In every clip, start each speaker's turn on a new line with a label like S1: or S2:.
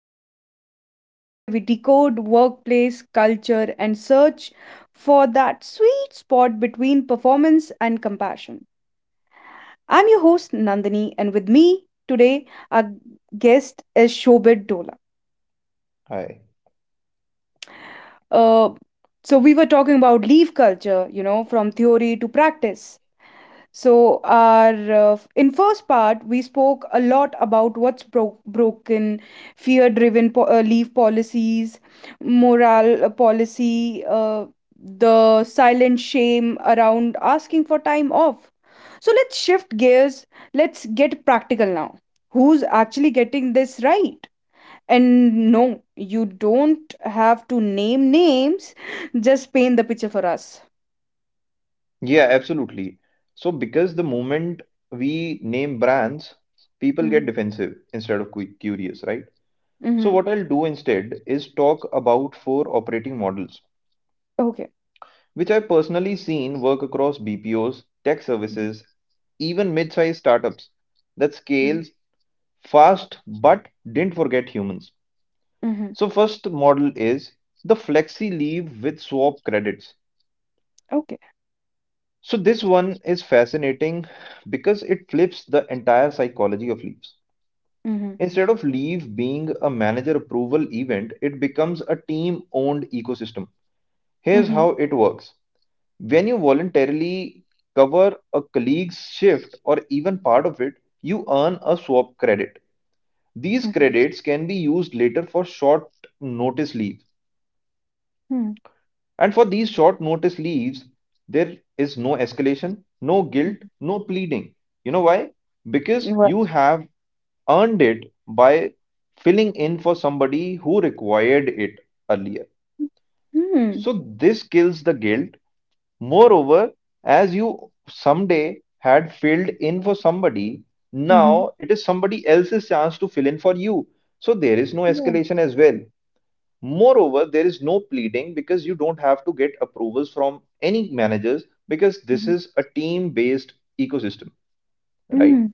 S1: Karma, the show where we decode workplace culture and search for that sweet spot between performance and compassion. I'm your host Nandini, and with me today, our guest is Shobit Dola.
S2: I.
S1: Uh, so we were talking about leave culture, you know, from theory to practice. So, our in first part, we spoke a lot about what's broken, fear-driven leave policies, moral policy, the silent shame around asking for time off. So let's shift gears. Let's get practical now. Who's actually getting this right? And no, you don't have to name names. Just paint the picture for us.
S2: Yeah, absolutely. So, because the moment we name brands, people get
S1: Mm-hmm.
S2: defensive instead of curious, right? So,
S1: Mm-hmm.
S2: what I'll do instead is talk about four operating models,
S1: Okay.
S2: which I've personally seen work across BPOs, tech
S1: Mhm,
S2: services, even mid-sized startups that
S1: mhm.
S2: scales fast but didn't forget humans.
S1: Mm-hmm.
S2: So, first model is the flexi leave with swap credits.
S1: Okay.
S2: So this one is fascinating because it flips the entire psychology of leaves.
S1: Mhm.
S2: Instead of leave being a manager approval event, it becomes a team owned ecosystem. Here's
S1: Mhm.
S2: how it works. When you voluntarily cover a colleague's shift or even part of it, you earn a swap credit. These
S1: Mhm. Yes.
S2: credits can be used later for short notice leave.
S1: Mhm.
S2: And for these short notice leaves, there is no escalation, no
S1: Mhm.
S2: guilt, no pleading. You know why? Because
S1: Well,
S2: you have earned it by filling in for somebody who required it earlier.
S1: mhm.
S2: So this kills the guilt. Moreover, as you someday had filled in for somebody,
S1: Mhm.
S2: now it is somebody else's chance to fill in for you. So there is no
S1: Yeah.
S2: escalation as well. Moreover, there is no pleading because you don't have to get approvals from any managers because this
S1: Mhm.
S2: is a team-based ecosystem, right?
S1: Mm,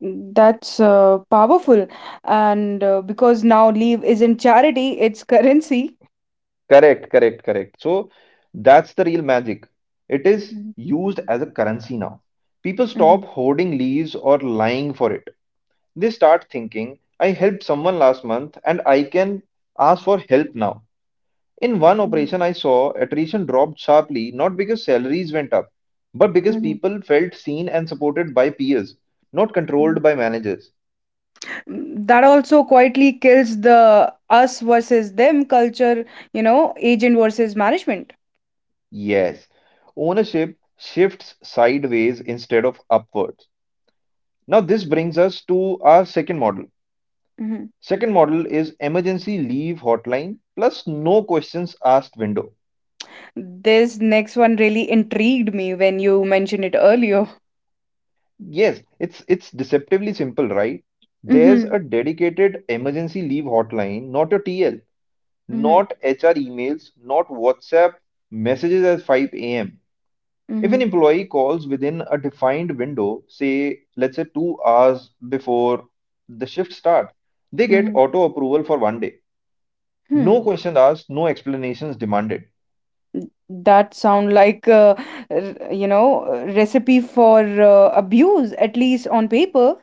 S1: that's powerful. And because now leave isn't charity, it's currency.
S2: Correct, correct, correct. So that's the real magic. It is
S1: Mhm.
S2: used as a currency now. People stop hoarding leaves or lying for it. They start thinking, I helped someone last month and I can ask for help now. In one operation I saw attrition dropped sharply, not because salaries went up, but because
S1: Mhm.
S2: people felt seen and supported by peers, not
S1: Mhm.
S2: controlled by managers.
S1: Mm, that also quietly kills the us versus them culture, agent versus management.
S2: Yes, ownership shifts sideways instead of upwards. Now, this brings us to our second model.
S1: Mhm.
S2: Second model is emergency leave hotline plus no questions asked window.
S1: This next one really intrigued me when you mentioned it earlier.
S2: Yes, it's deceptively simple, right? There's
S1: Mm-hmm.
S2: a dedicated emergency leave hotline, not a TL,
S1: Mm-hmm.
S2: not HR emails, not WhatsApp messages at 5 a.m. If
S1: Mm-hmm.
S2: an employee calls within a defined window, say, let's say 2 hours before the shift start, they get
S1: Mm-hmm.
S2: auto approval for one day. No questions asked, no explanations demanded.
S1: That sound like r- you know recipe for abuse, at least on paper.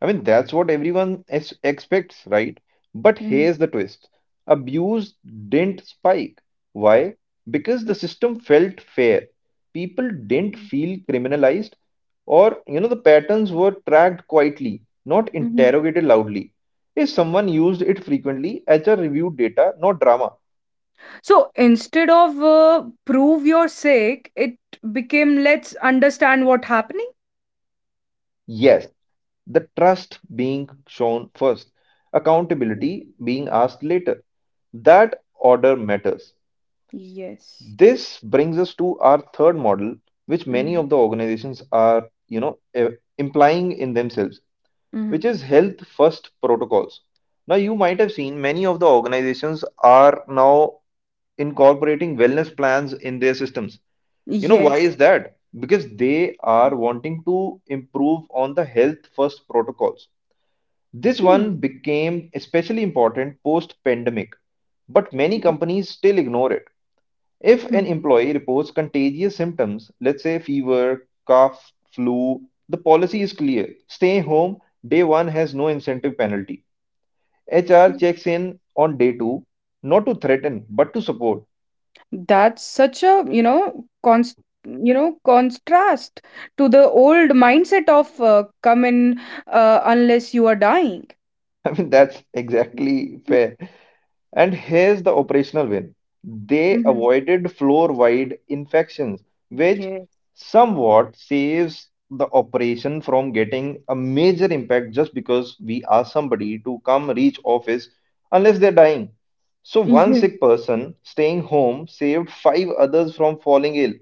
S2: I mean, that's what everyone expects, right? But
S1: Hmm.
S2: here's the twist. Abuse didn't spike. Why? Because the system felt fair. People didn't
S1: Mm.
S2: feel criminalized, or, you know, the patterns were tracked quietly, not
S1: Hmm.
S2: interrogated loudly. If someone used it frequently, HR reviewed data, not drama.
S1: So instead of prove you're sick, it became let's understand what happening.
S2: Yes, the trust being shown first,
S1: Mm.
S2: accountability being asked later. That order matters.
S1: Yes.
S2: This brings us to our third model, which many
S1: Mm-hmm.
S2: of the organizations are, implying in themselves,
S1: Mm-hmm.
S2: which is health first protocols. Now, you might have seen many of the organizations are now incorporating wellness plans in their systems. Why
S1: Yes.
S2: is that? Because they are wanting to improve on the health first protocols. This
S1: Mm.
S2: one became especially important post pandemic, but many
S1: Ye-
S2: companies still ignore it. If an
S1: mhm.
S2: employee reports contagious symptoms, let's say fever, cough, flu, the policy is clear. Stay home, day one has no incentive penalty. HR
S1: Mm.
S2: checks in on day two, not to threaten, but to support.
S1: That's such a you know const you know contrast to the old mindset of come in, unless you are dying.
S2: I mean, that's exactly fair. And here's the operational win. They
S1: Mhm.
S2: avoided floor-wide infections, which
S1: Yes.
S2: somewhat saves the operation from getting a major impact just because we ask somebody to come reach office unless they're dying. So one
S1: Yeah.
S2: sick person staying home saved five others from falling ill.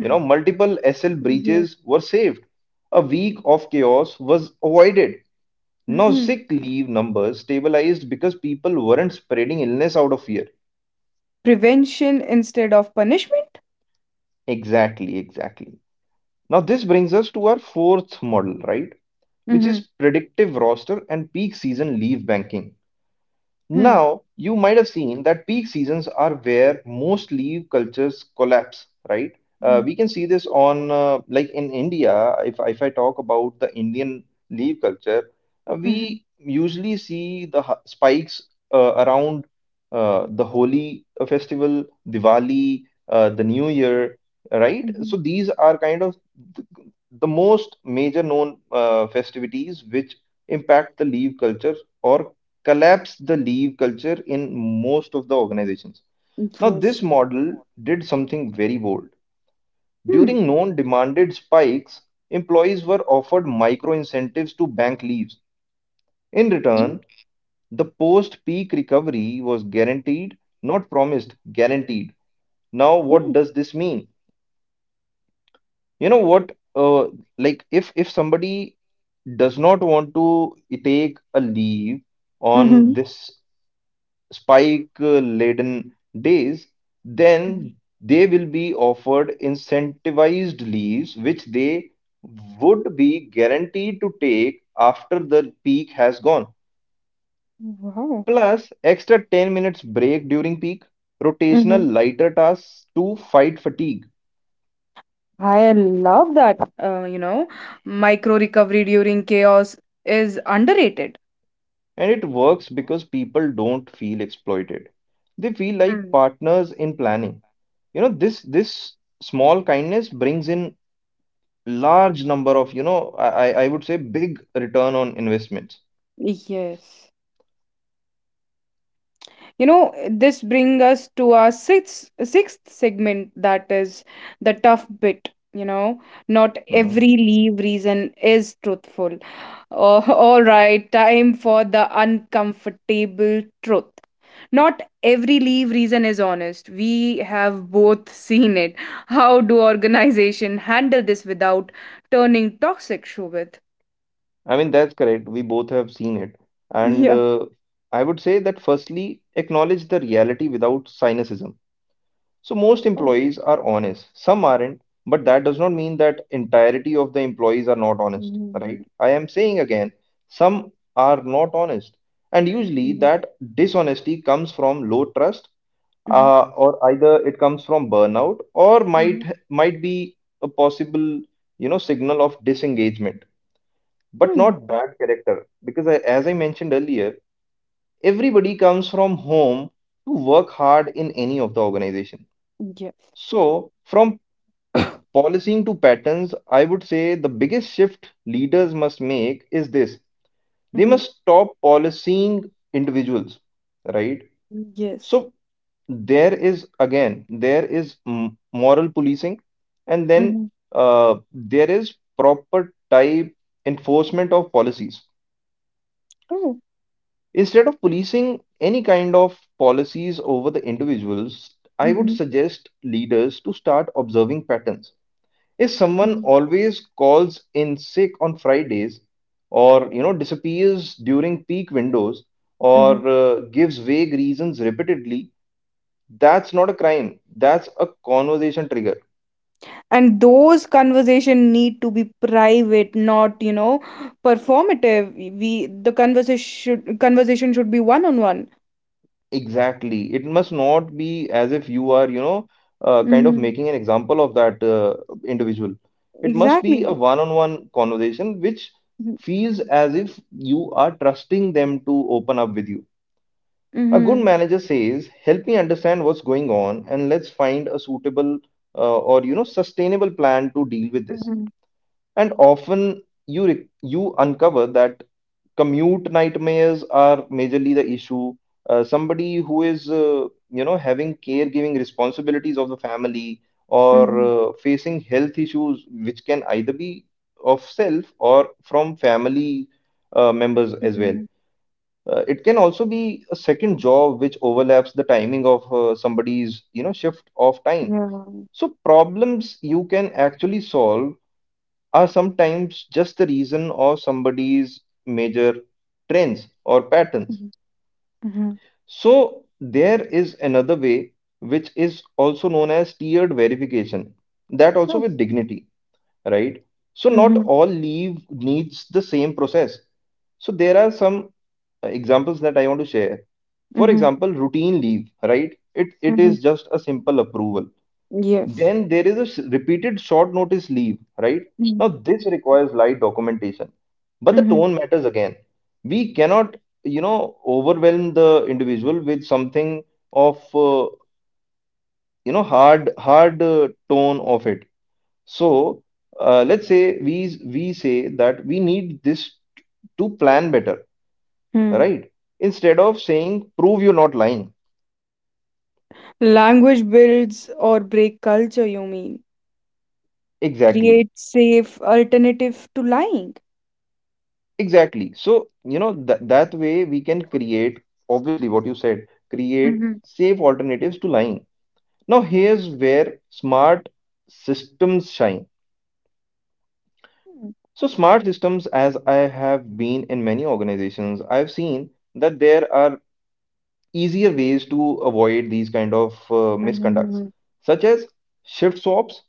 S2: You know, multiple SL
S1: Yes.
S2: breaches were saved. A week of chaos was avoided. Now,
S1: Mhm.
S2: sick leave numbers stabilized because people weren't spreading illness out of fear.
S1: Prevention instead of punishment?
S2: Exactly, exactly. Now, this brings us to our fourth model, right? Which
S1: Mhm.
S2: is predictive roster and peak season leave banking.
S1: Mhm.
S2: Now, you might have seen that peak seasons are where most leaf cultures collapse, right? Uh,
S1: Mhm.
S2: we can see this on, like in India, if I talk about the Indian leaf culture,
S1: Mhm.
S2: we usually see the spikes around the Holi festival, Diwali, the New Year, right? So
S1: Mhm.
S2: these are kind of th- the most major known festivities which impact the leaf culture or collapsed the leave culture in most of the organizations. Now,
S1: Yes.
S2: this model did something very bold.
S1: Hmm.
S2: During known demanded spikes, employees were offered micro incentives to bank leaves. In
S1: Mhm.
S2: return, the post peak recovery was guaranteed, not promised, guaranteed. Now, what
S1: Mhm.
S2: does this mean? You know what? Like, if somebody does not want to take a leave on
S1: Mhm.
S2: this spike-laden days,
S1: Mhm.
S2: then they will be offered incentivized leaves, which they would be guaranteed to take after the peak has gone.
S1: Wow.
S2: Plus, extra 10 minutes break during peak,
S1: Mhm.
S2: rotational lighter tasks to fight fatigue.
S1: I love that. Micro recovery during chaos is underrated.
S2: And it works because people don't feel exploited. They feel like
S1: Hmm.
S2: partners in planning. This small kindness brings in large number of, I would say big return on investments.
S1: Yes. you know this brings us to our sixth segment, that is the tough bit, not
S2: Mhm.
S1: every leave reason is truthful. Oh, all right, time for the uncomfortable truth. Not every leave reason is honest. We have both seen it. How do organization handle this without turning toxic, Shobit?
S2: I mean, that's correct. We both have seen it. And
S1: Yeah.
S2: I would say that firstly, acknowledge the reality without cynicism. So most
S1: Oh,
S2: employees are honest, some aren't, but that does not mean that entirety of the employees are not honest, right?
S1: mhm,
S2: I am saying again, some are not honest. And usually
S1: mhm,
S2: that dishonesty comes from low trust,
S1: mhm,
S2: or either it comes from burnout, or
S1: mhm.
S2: might be a possible signal of disengagement, but
S1: Hmm.
S2: not bad character, because I, as I mentioned earlier, everybody comes from home to work hard in any of the organization.
S1: Yes.
S2: So from policing to patterns, I would say the biggest shift leaders must make is this: they must stop policing individuals, right?
S1: Yes.
S2: So there is, again, there is moral policing, and then
S1: Mm-hmm.
S2: there is proper type enforcement of policies.
S1: Oh.
S2: Instead of policing any kind of policies over the individuals, I would
S1: Mm-hmm.
S2: suggest leaders to start observing patterns. If someone
S1: Mm-hmm.
S2: always calls in sick on Fridays, or disappears during peak windows,
S1: Mm-hmm.
S2: or gives vague reasons repeatedly, that's not a crime. That's a conversation trigger.
S1: And those conversation need to be private, not performative. We the conversation should be one on one.
S2: Exactly. It must not be as if you are, kind of
S1: Mm-hmm.
S2: making an example of that individual. It must be a
S1: Exactly.
S2: one-on-one conversation which
S1: Mm-hmm.
S2: feels as if you are trusting them to open up with you. A good
S1: Mm-hmm.
S2: manager says, "Help me understand what's going on, and let's find a suitable or sustainable plan to deal with this."
S1: Mm-hmm.
S2: And often you you uncover that commute nightmares are majorly the issue. Somebody who is, having caregiving responsibilities of the family, or facing health issues, which can either be of self or from family members as well.
S1: Mm-hmm.
S2: It can also be a second job which overlaps the timing of somebody's, shift of time.
S1: Yeah.
S2: So problems you can actually solve are sometimes just the reason of somebody's major trends or patterns.
S1: Mm-hmm. Mm-hmm.
S2: So, there is another way, which is also known as tiered verification, that also
S1: Oh.
S2: with dignity, right? So, not
S1: Mm-hmm.
S2: all leave needs the same process. So, there are some examples that I want to share. For
S1: Mm-hmm.
S2: example, routine leave, right? It
S1: Mm-hmm.
S2: is just a simple approval.
S1: Yes.
S2: Then there is a repeated short notice leave, right?
S1: Mm-hmm.
S2: Now, this requires light documentation, but the tone matters again. We cannot, overwhelm the individual with something of, hard tone of it. So, let's say we say that we need this to plan better,
S1: Mm-hmm.
S2: right? Instead of saying prove you're not lying.
S1: Language builds or break culture, you mean?
S2: Exactly.
S1: Create safe alternative to lying.
S2: Exactly. So, you know, th that way we can create, obviously, what you said, create
S1: Mm-hmm.
S2: safe alternatives to lying. Now, here's where smart systems shine. So, smart systems, as I have been in many organizations, I've seen that there are easier ways to avoid these kind of uh, misconducts,
S1: Mhm,
S2: such as shift swaps,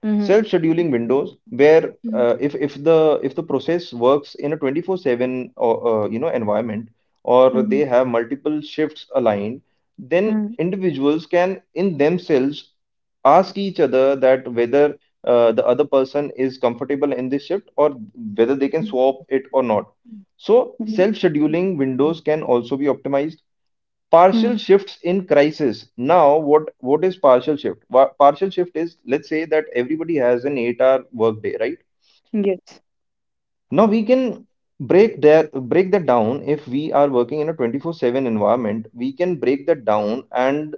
S1: mhm,
S2: self-scheduling windows, where,
S1: mhm,
S2: if the process works in a 24/7 or environment, or they
S1: mhm,
S2: have multiple shifts aligned, then
S1: mhm,
S2: individuals can in themselves ask each other that whether the other person is comfortable in this shift, or whether they can
S1: mhm,
S2: swap it or not. So
S1: mhm,
S2: self-scheduling windows can also be optimized. Partial
S1: mhm.
S2: shifts in crisis. Now what is partial shift? Partial shift is, let's say that everybody has an 8-hour workday, right?
S1: Yes.
S2: Now we can break that down if we are working in a 24/7 environment. We can break that down, and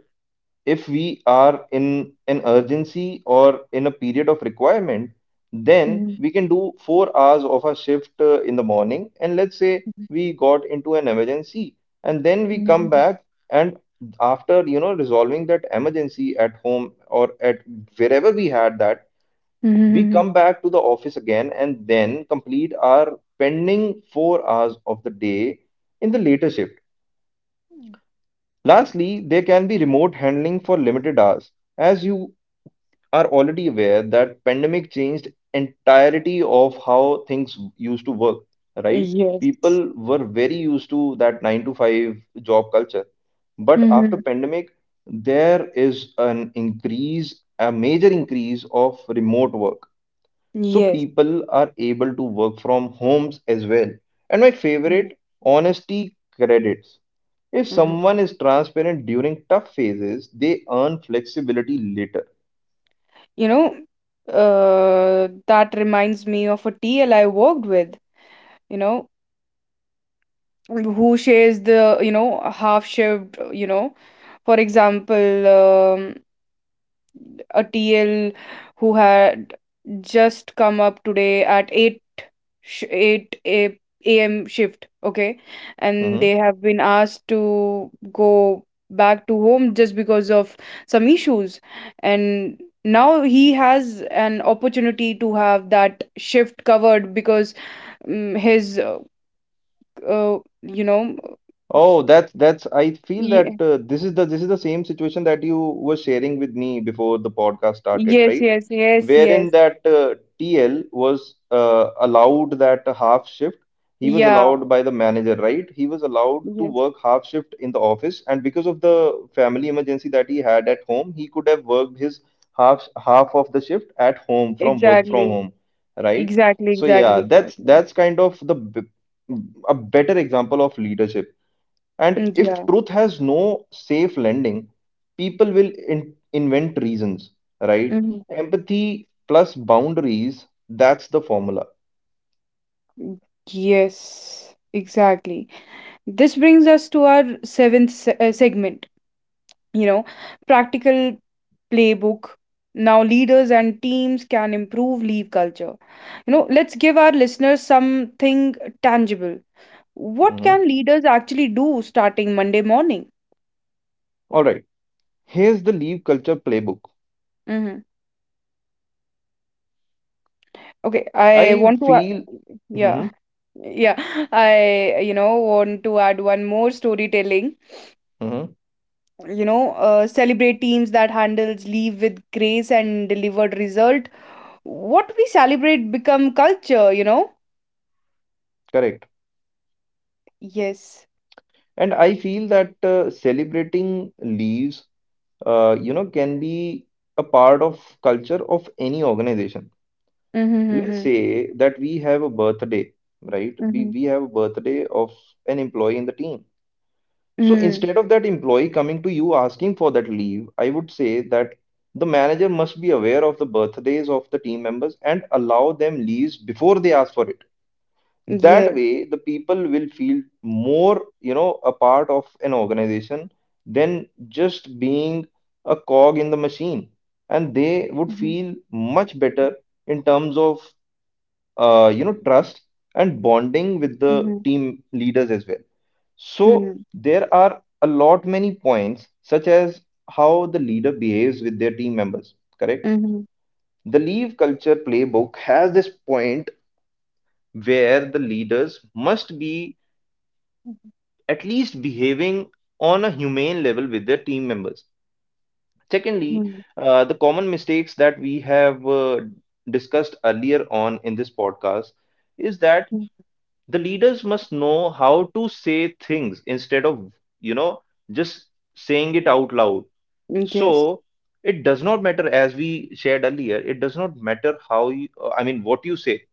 S2: if we are in an urgency or in a period of requirement, then
S1: Mhm,
S2: we can do 4 hours of a shift in the morning. And let's say
S1: mhm,
S2: we got into an emergency, and then we come
S1: mhm,
S2: back, and after resolving that emergency at home or at wherever we had that, we
S1: mhm.
S2: come back to the office again and then complete our pending 4 hours of the day in the later shift. Lastly, there can be remote handling for limited hours. As you are already aware that pandemic changed entirety of how things used to work, right?
S1: Yes.
S2: People were very used to that 9 to 5 job culture, but after
S1: Mhm.
S2: pandemic there is an increase, a major increase of remote work. So
S1: Yes.
S2: people are able to work from homes as well. And my
S1: Mhm,
S2: favorite, honesty credits: if
S1: mhm.
S2: someone is transparent during tough phases, they earn flexibility later.
S1: You know, that reminds me of a TL I worked with, you know, who shares the half shift. For example, a TL who had just come up today at 8 am shift, okay, and
S2: Hmm.
S1: they have been asked to go back to home just because of some issues, and now he has an opportunity to have that shift covered because his uh, you know s-
S2: Oh, that's I feel that
S1: ye-
S2: this is the same situation that you were sharing with me before the podcast started,
S1: yes,
S2: right?
S1: yes, yes,
S2: Wherein
S1: yes,
S2: that TL was allowed that half shift. He was
S1: yeah,
S2: allowed by the manager, right? He was allowed to
S1: yes,
S2: work half shift in the office, and because of the family emergency that he had at home, he could have worked his half of the shift at home, from work from
S1: exactly.
S2: home, right?
S1: Exactly,
S2: So
S1: exactly,
S2: yeah, that's
S1: exactly.
S2: that's kind of the a better example of leadership. And
S1: Mm.
S2: if
S1: Yeah.
S2: truth has no safe lending, people will invent reasons, right?
S1: Hmm.
S2: Empathy plus boundaries, that's the formula.
S1: Yes, exactly. This brings us to our seventh se segment, you know, practical playbook. Now, leaders and teams can improve leave culture. You know, let's give our listeners something tangible. What
S2: Mhm.
S1: can leaders actually do starting Monday morning?
S2: All right. Here's the leave culture playbook.
S1: Hmm. Okay, I
S2: I
S1: want to,
S2: feel,
S1: yeah.
S2: mhm,
S1: Yeah, I want to add one more storytelling.
S2: mhm,
S1: Celebrate teams that handles leave with grace and delivered result. What we celebrate become culture, you know.
S2: correct.
S1: Yes.
S2: And I feel that celebrating leaves you know, can be a part of culture of any organization. Let's
S1: Mm-hmm,
S2: say that we have a birthday, right? We
S1: mm-hmm,
S2: we have a birthday of an employee in the team. So
S1: mm-hmm.
S2: instead of that employee coming to you asking for that leave, I would say that the manager must be aware of the birthdays of the team members and allow them leaves before they ask for it. That
S1: Yes.
S2: way the people will feel more, you know, a part of an organization than just being a cog in the machine, and they would
S1: Mm-hmm,
S2: feel much better in terms of you know, trust and bonding with the
S1: mm-hmm,
S2: team leaders as well. So there are a lot many points such as how the leader behaves with their team members, correct.
S1: mm-hmm,
S2: The leave culture playbook has this point where the leaders must be at least behaving on a humane level with their team members. Secondly,
S1: mm-hmm,
S2: the common mistakes that we have discussed earlier on in this podcast is that the leaders must know how to say things instead of, you know, just saying it out loud.
S1: mm-hmm. Yes.
S2: So it does not matter, as we shared earlier, it does not matter how you, what you say.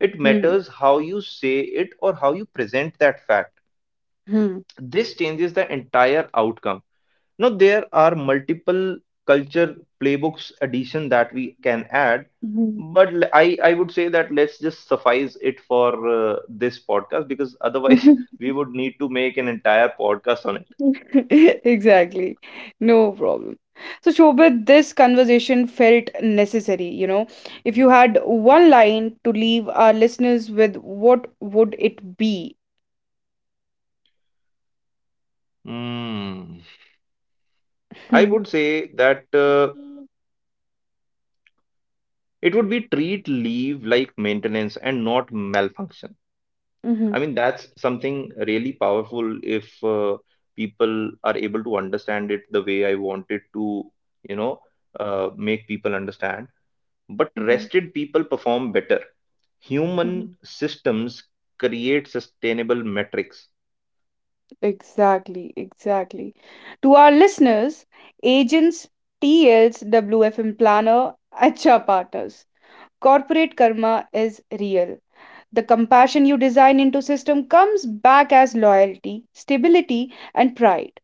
S2: It matters how you say it or how you present that fact.
S1: Mm-hmm.
S2: This changes the entire outcome. Now there are multiple culture playbooks addition that we can add, but I would say that let's just suffice it for this podcast, because otherwise we would need to make an entire podcast on it.
S1: Exactly. No problem. So, Shobhit, this conversation felt necessary. You know, if you had one line to leave our listeners with, what would it be?
S2: Hmm. I
S1: Hmm.
S2: would say that it would be treat leave like maintenance and not malfunction.
S1: Mhm,
S2: I mean, that's something really powerful if people are able to understand it the way I wanted to, you know, make people understand. But
S1: mhm,
S2: rested people perform better.
S1: mhm.
S2: Human systems create sustainable metrics.
S1: Exactly, exactly. To our listeners, agents, TLs, WFM planner, Acha partners, corporate karma is real. The compassion you design into system comes back as loyalty, stability, and pride.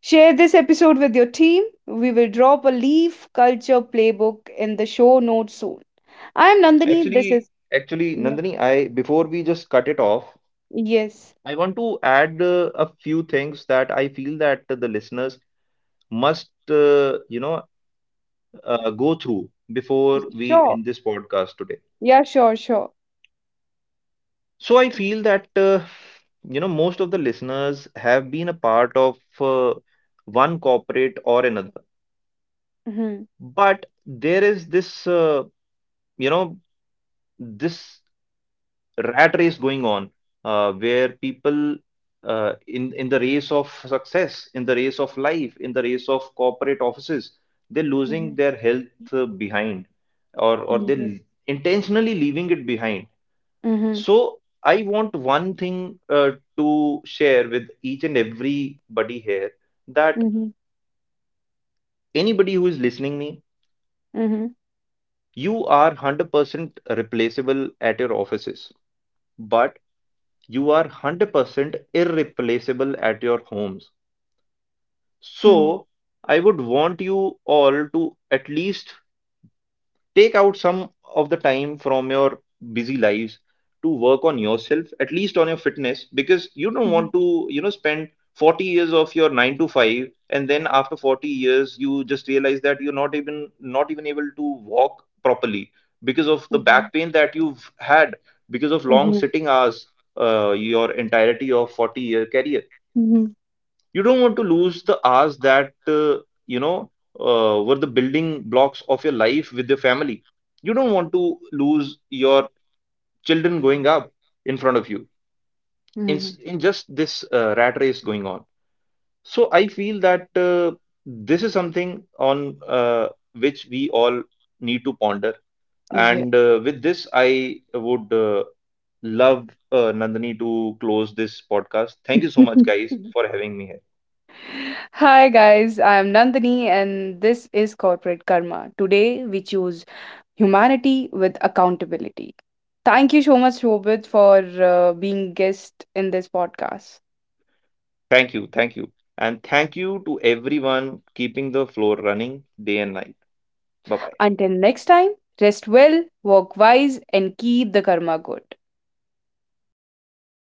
S1: Share this episode with your team. We will drop a leaf culture playbook in the show notes soon. I am Nandini. This is
S2: Actually,
S1: yeah.
S2: Nandini, I before we just cut it off,
S1: Yes.
S2: I want to add a few things that I feel that the listeners must, go through before we
S1: Sure.
S2: end this podcast today.
S1: Yeah, sure, sure.
S2: So I feel that you know, most of the listeners have been a part of one corporate or another,
S1: Mhm.
S2: but there is this you know this rat race going on, where people, in the race of success, in the race of life, in the race of corporate offices, they're losing
S1: Mhm.
S2: their health behind, or
S1: Mhm.
S2: they're intentionally leaving it behind.
S1: Mhm.
S2: So I want one thing to share with each and everybody here, that anybody who is listening me,
S1: Mhm.
S2: you are 100% replaceable at your offices, but you are 100% irreplaceable at your homes.
S1: Mhm.
S2: So I would want you all to at least take out some of the time from your busy lives to work on yourself, at least on your fitness, because you don't
S1: Mhm.
S2: want to, you know, spend 40 years of your 9 to 5, and then after 40 years you just realize that you're not even able to walk properly because of the
S1: Mhm.
S2: back pain that you've had because of long
S1: Mhm.
S2: sitting hours, your entirety of 40-year career.
S1: Mhm. Mhm.
S2: You don't want to lose the hours that you know were the building blocks of your life with your family. You don't want to lose your children going up in front of you, in,
S1: Mhm.
S2: s- in just this rat race going on. So I feel that this is something on which we all need to ponder.
S1: Yeah.
S2: And with this, I would love Nandini to close this podcast. Thank you so much guys for having me here.
S1: Hi guys, I am Nandini and this is Corporate Karma. Today we choose humanity with accountability. Thank you so much Shobit for being guest in this podcast.
S2: Thank you, thank you. And thank you to everyone keeping the floor running day and night. Bye bye.
S1: Until next time, rest well, work wise and keep the karma good.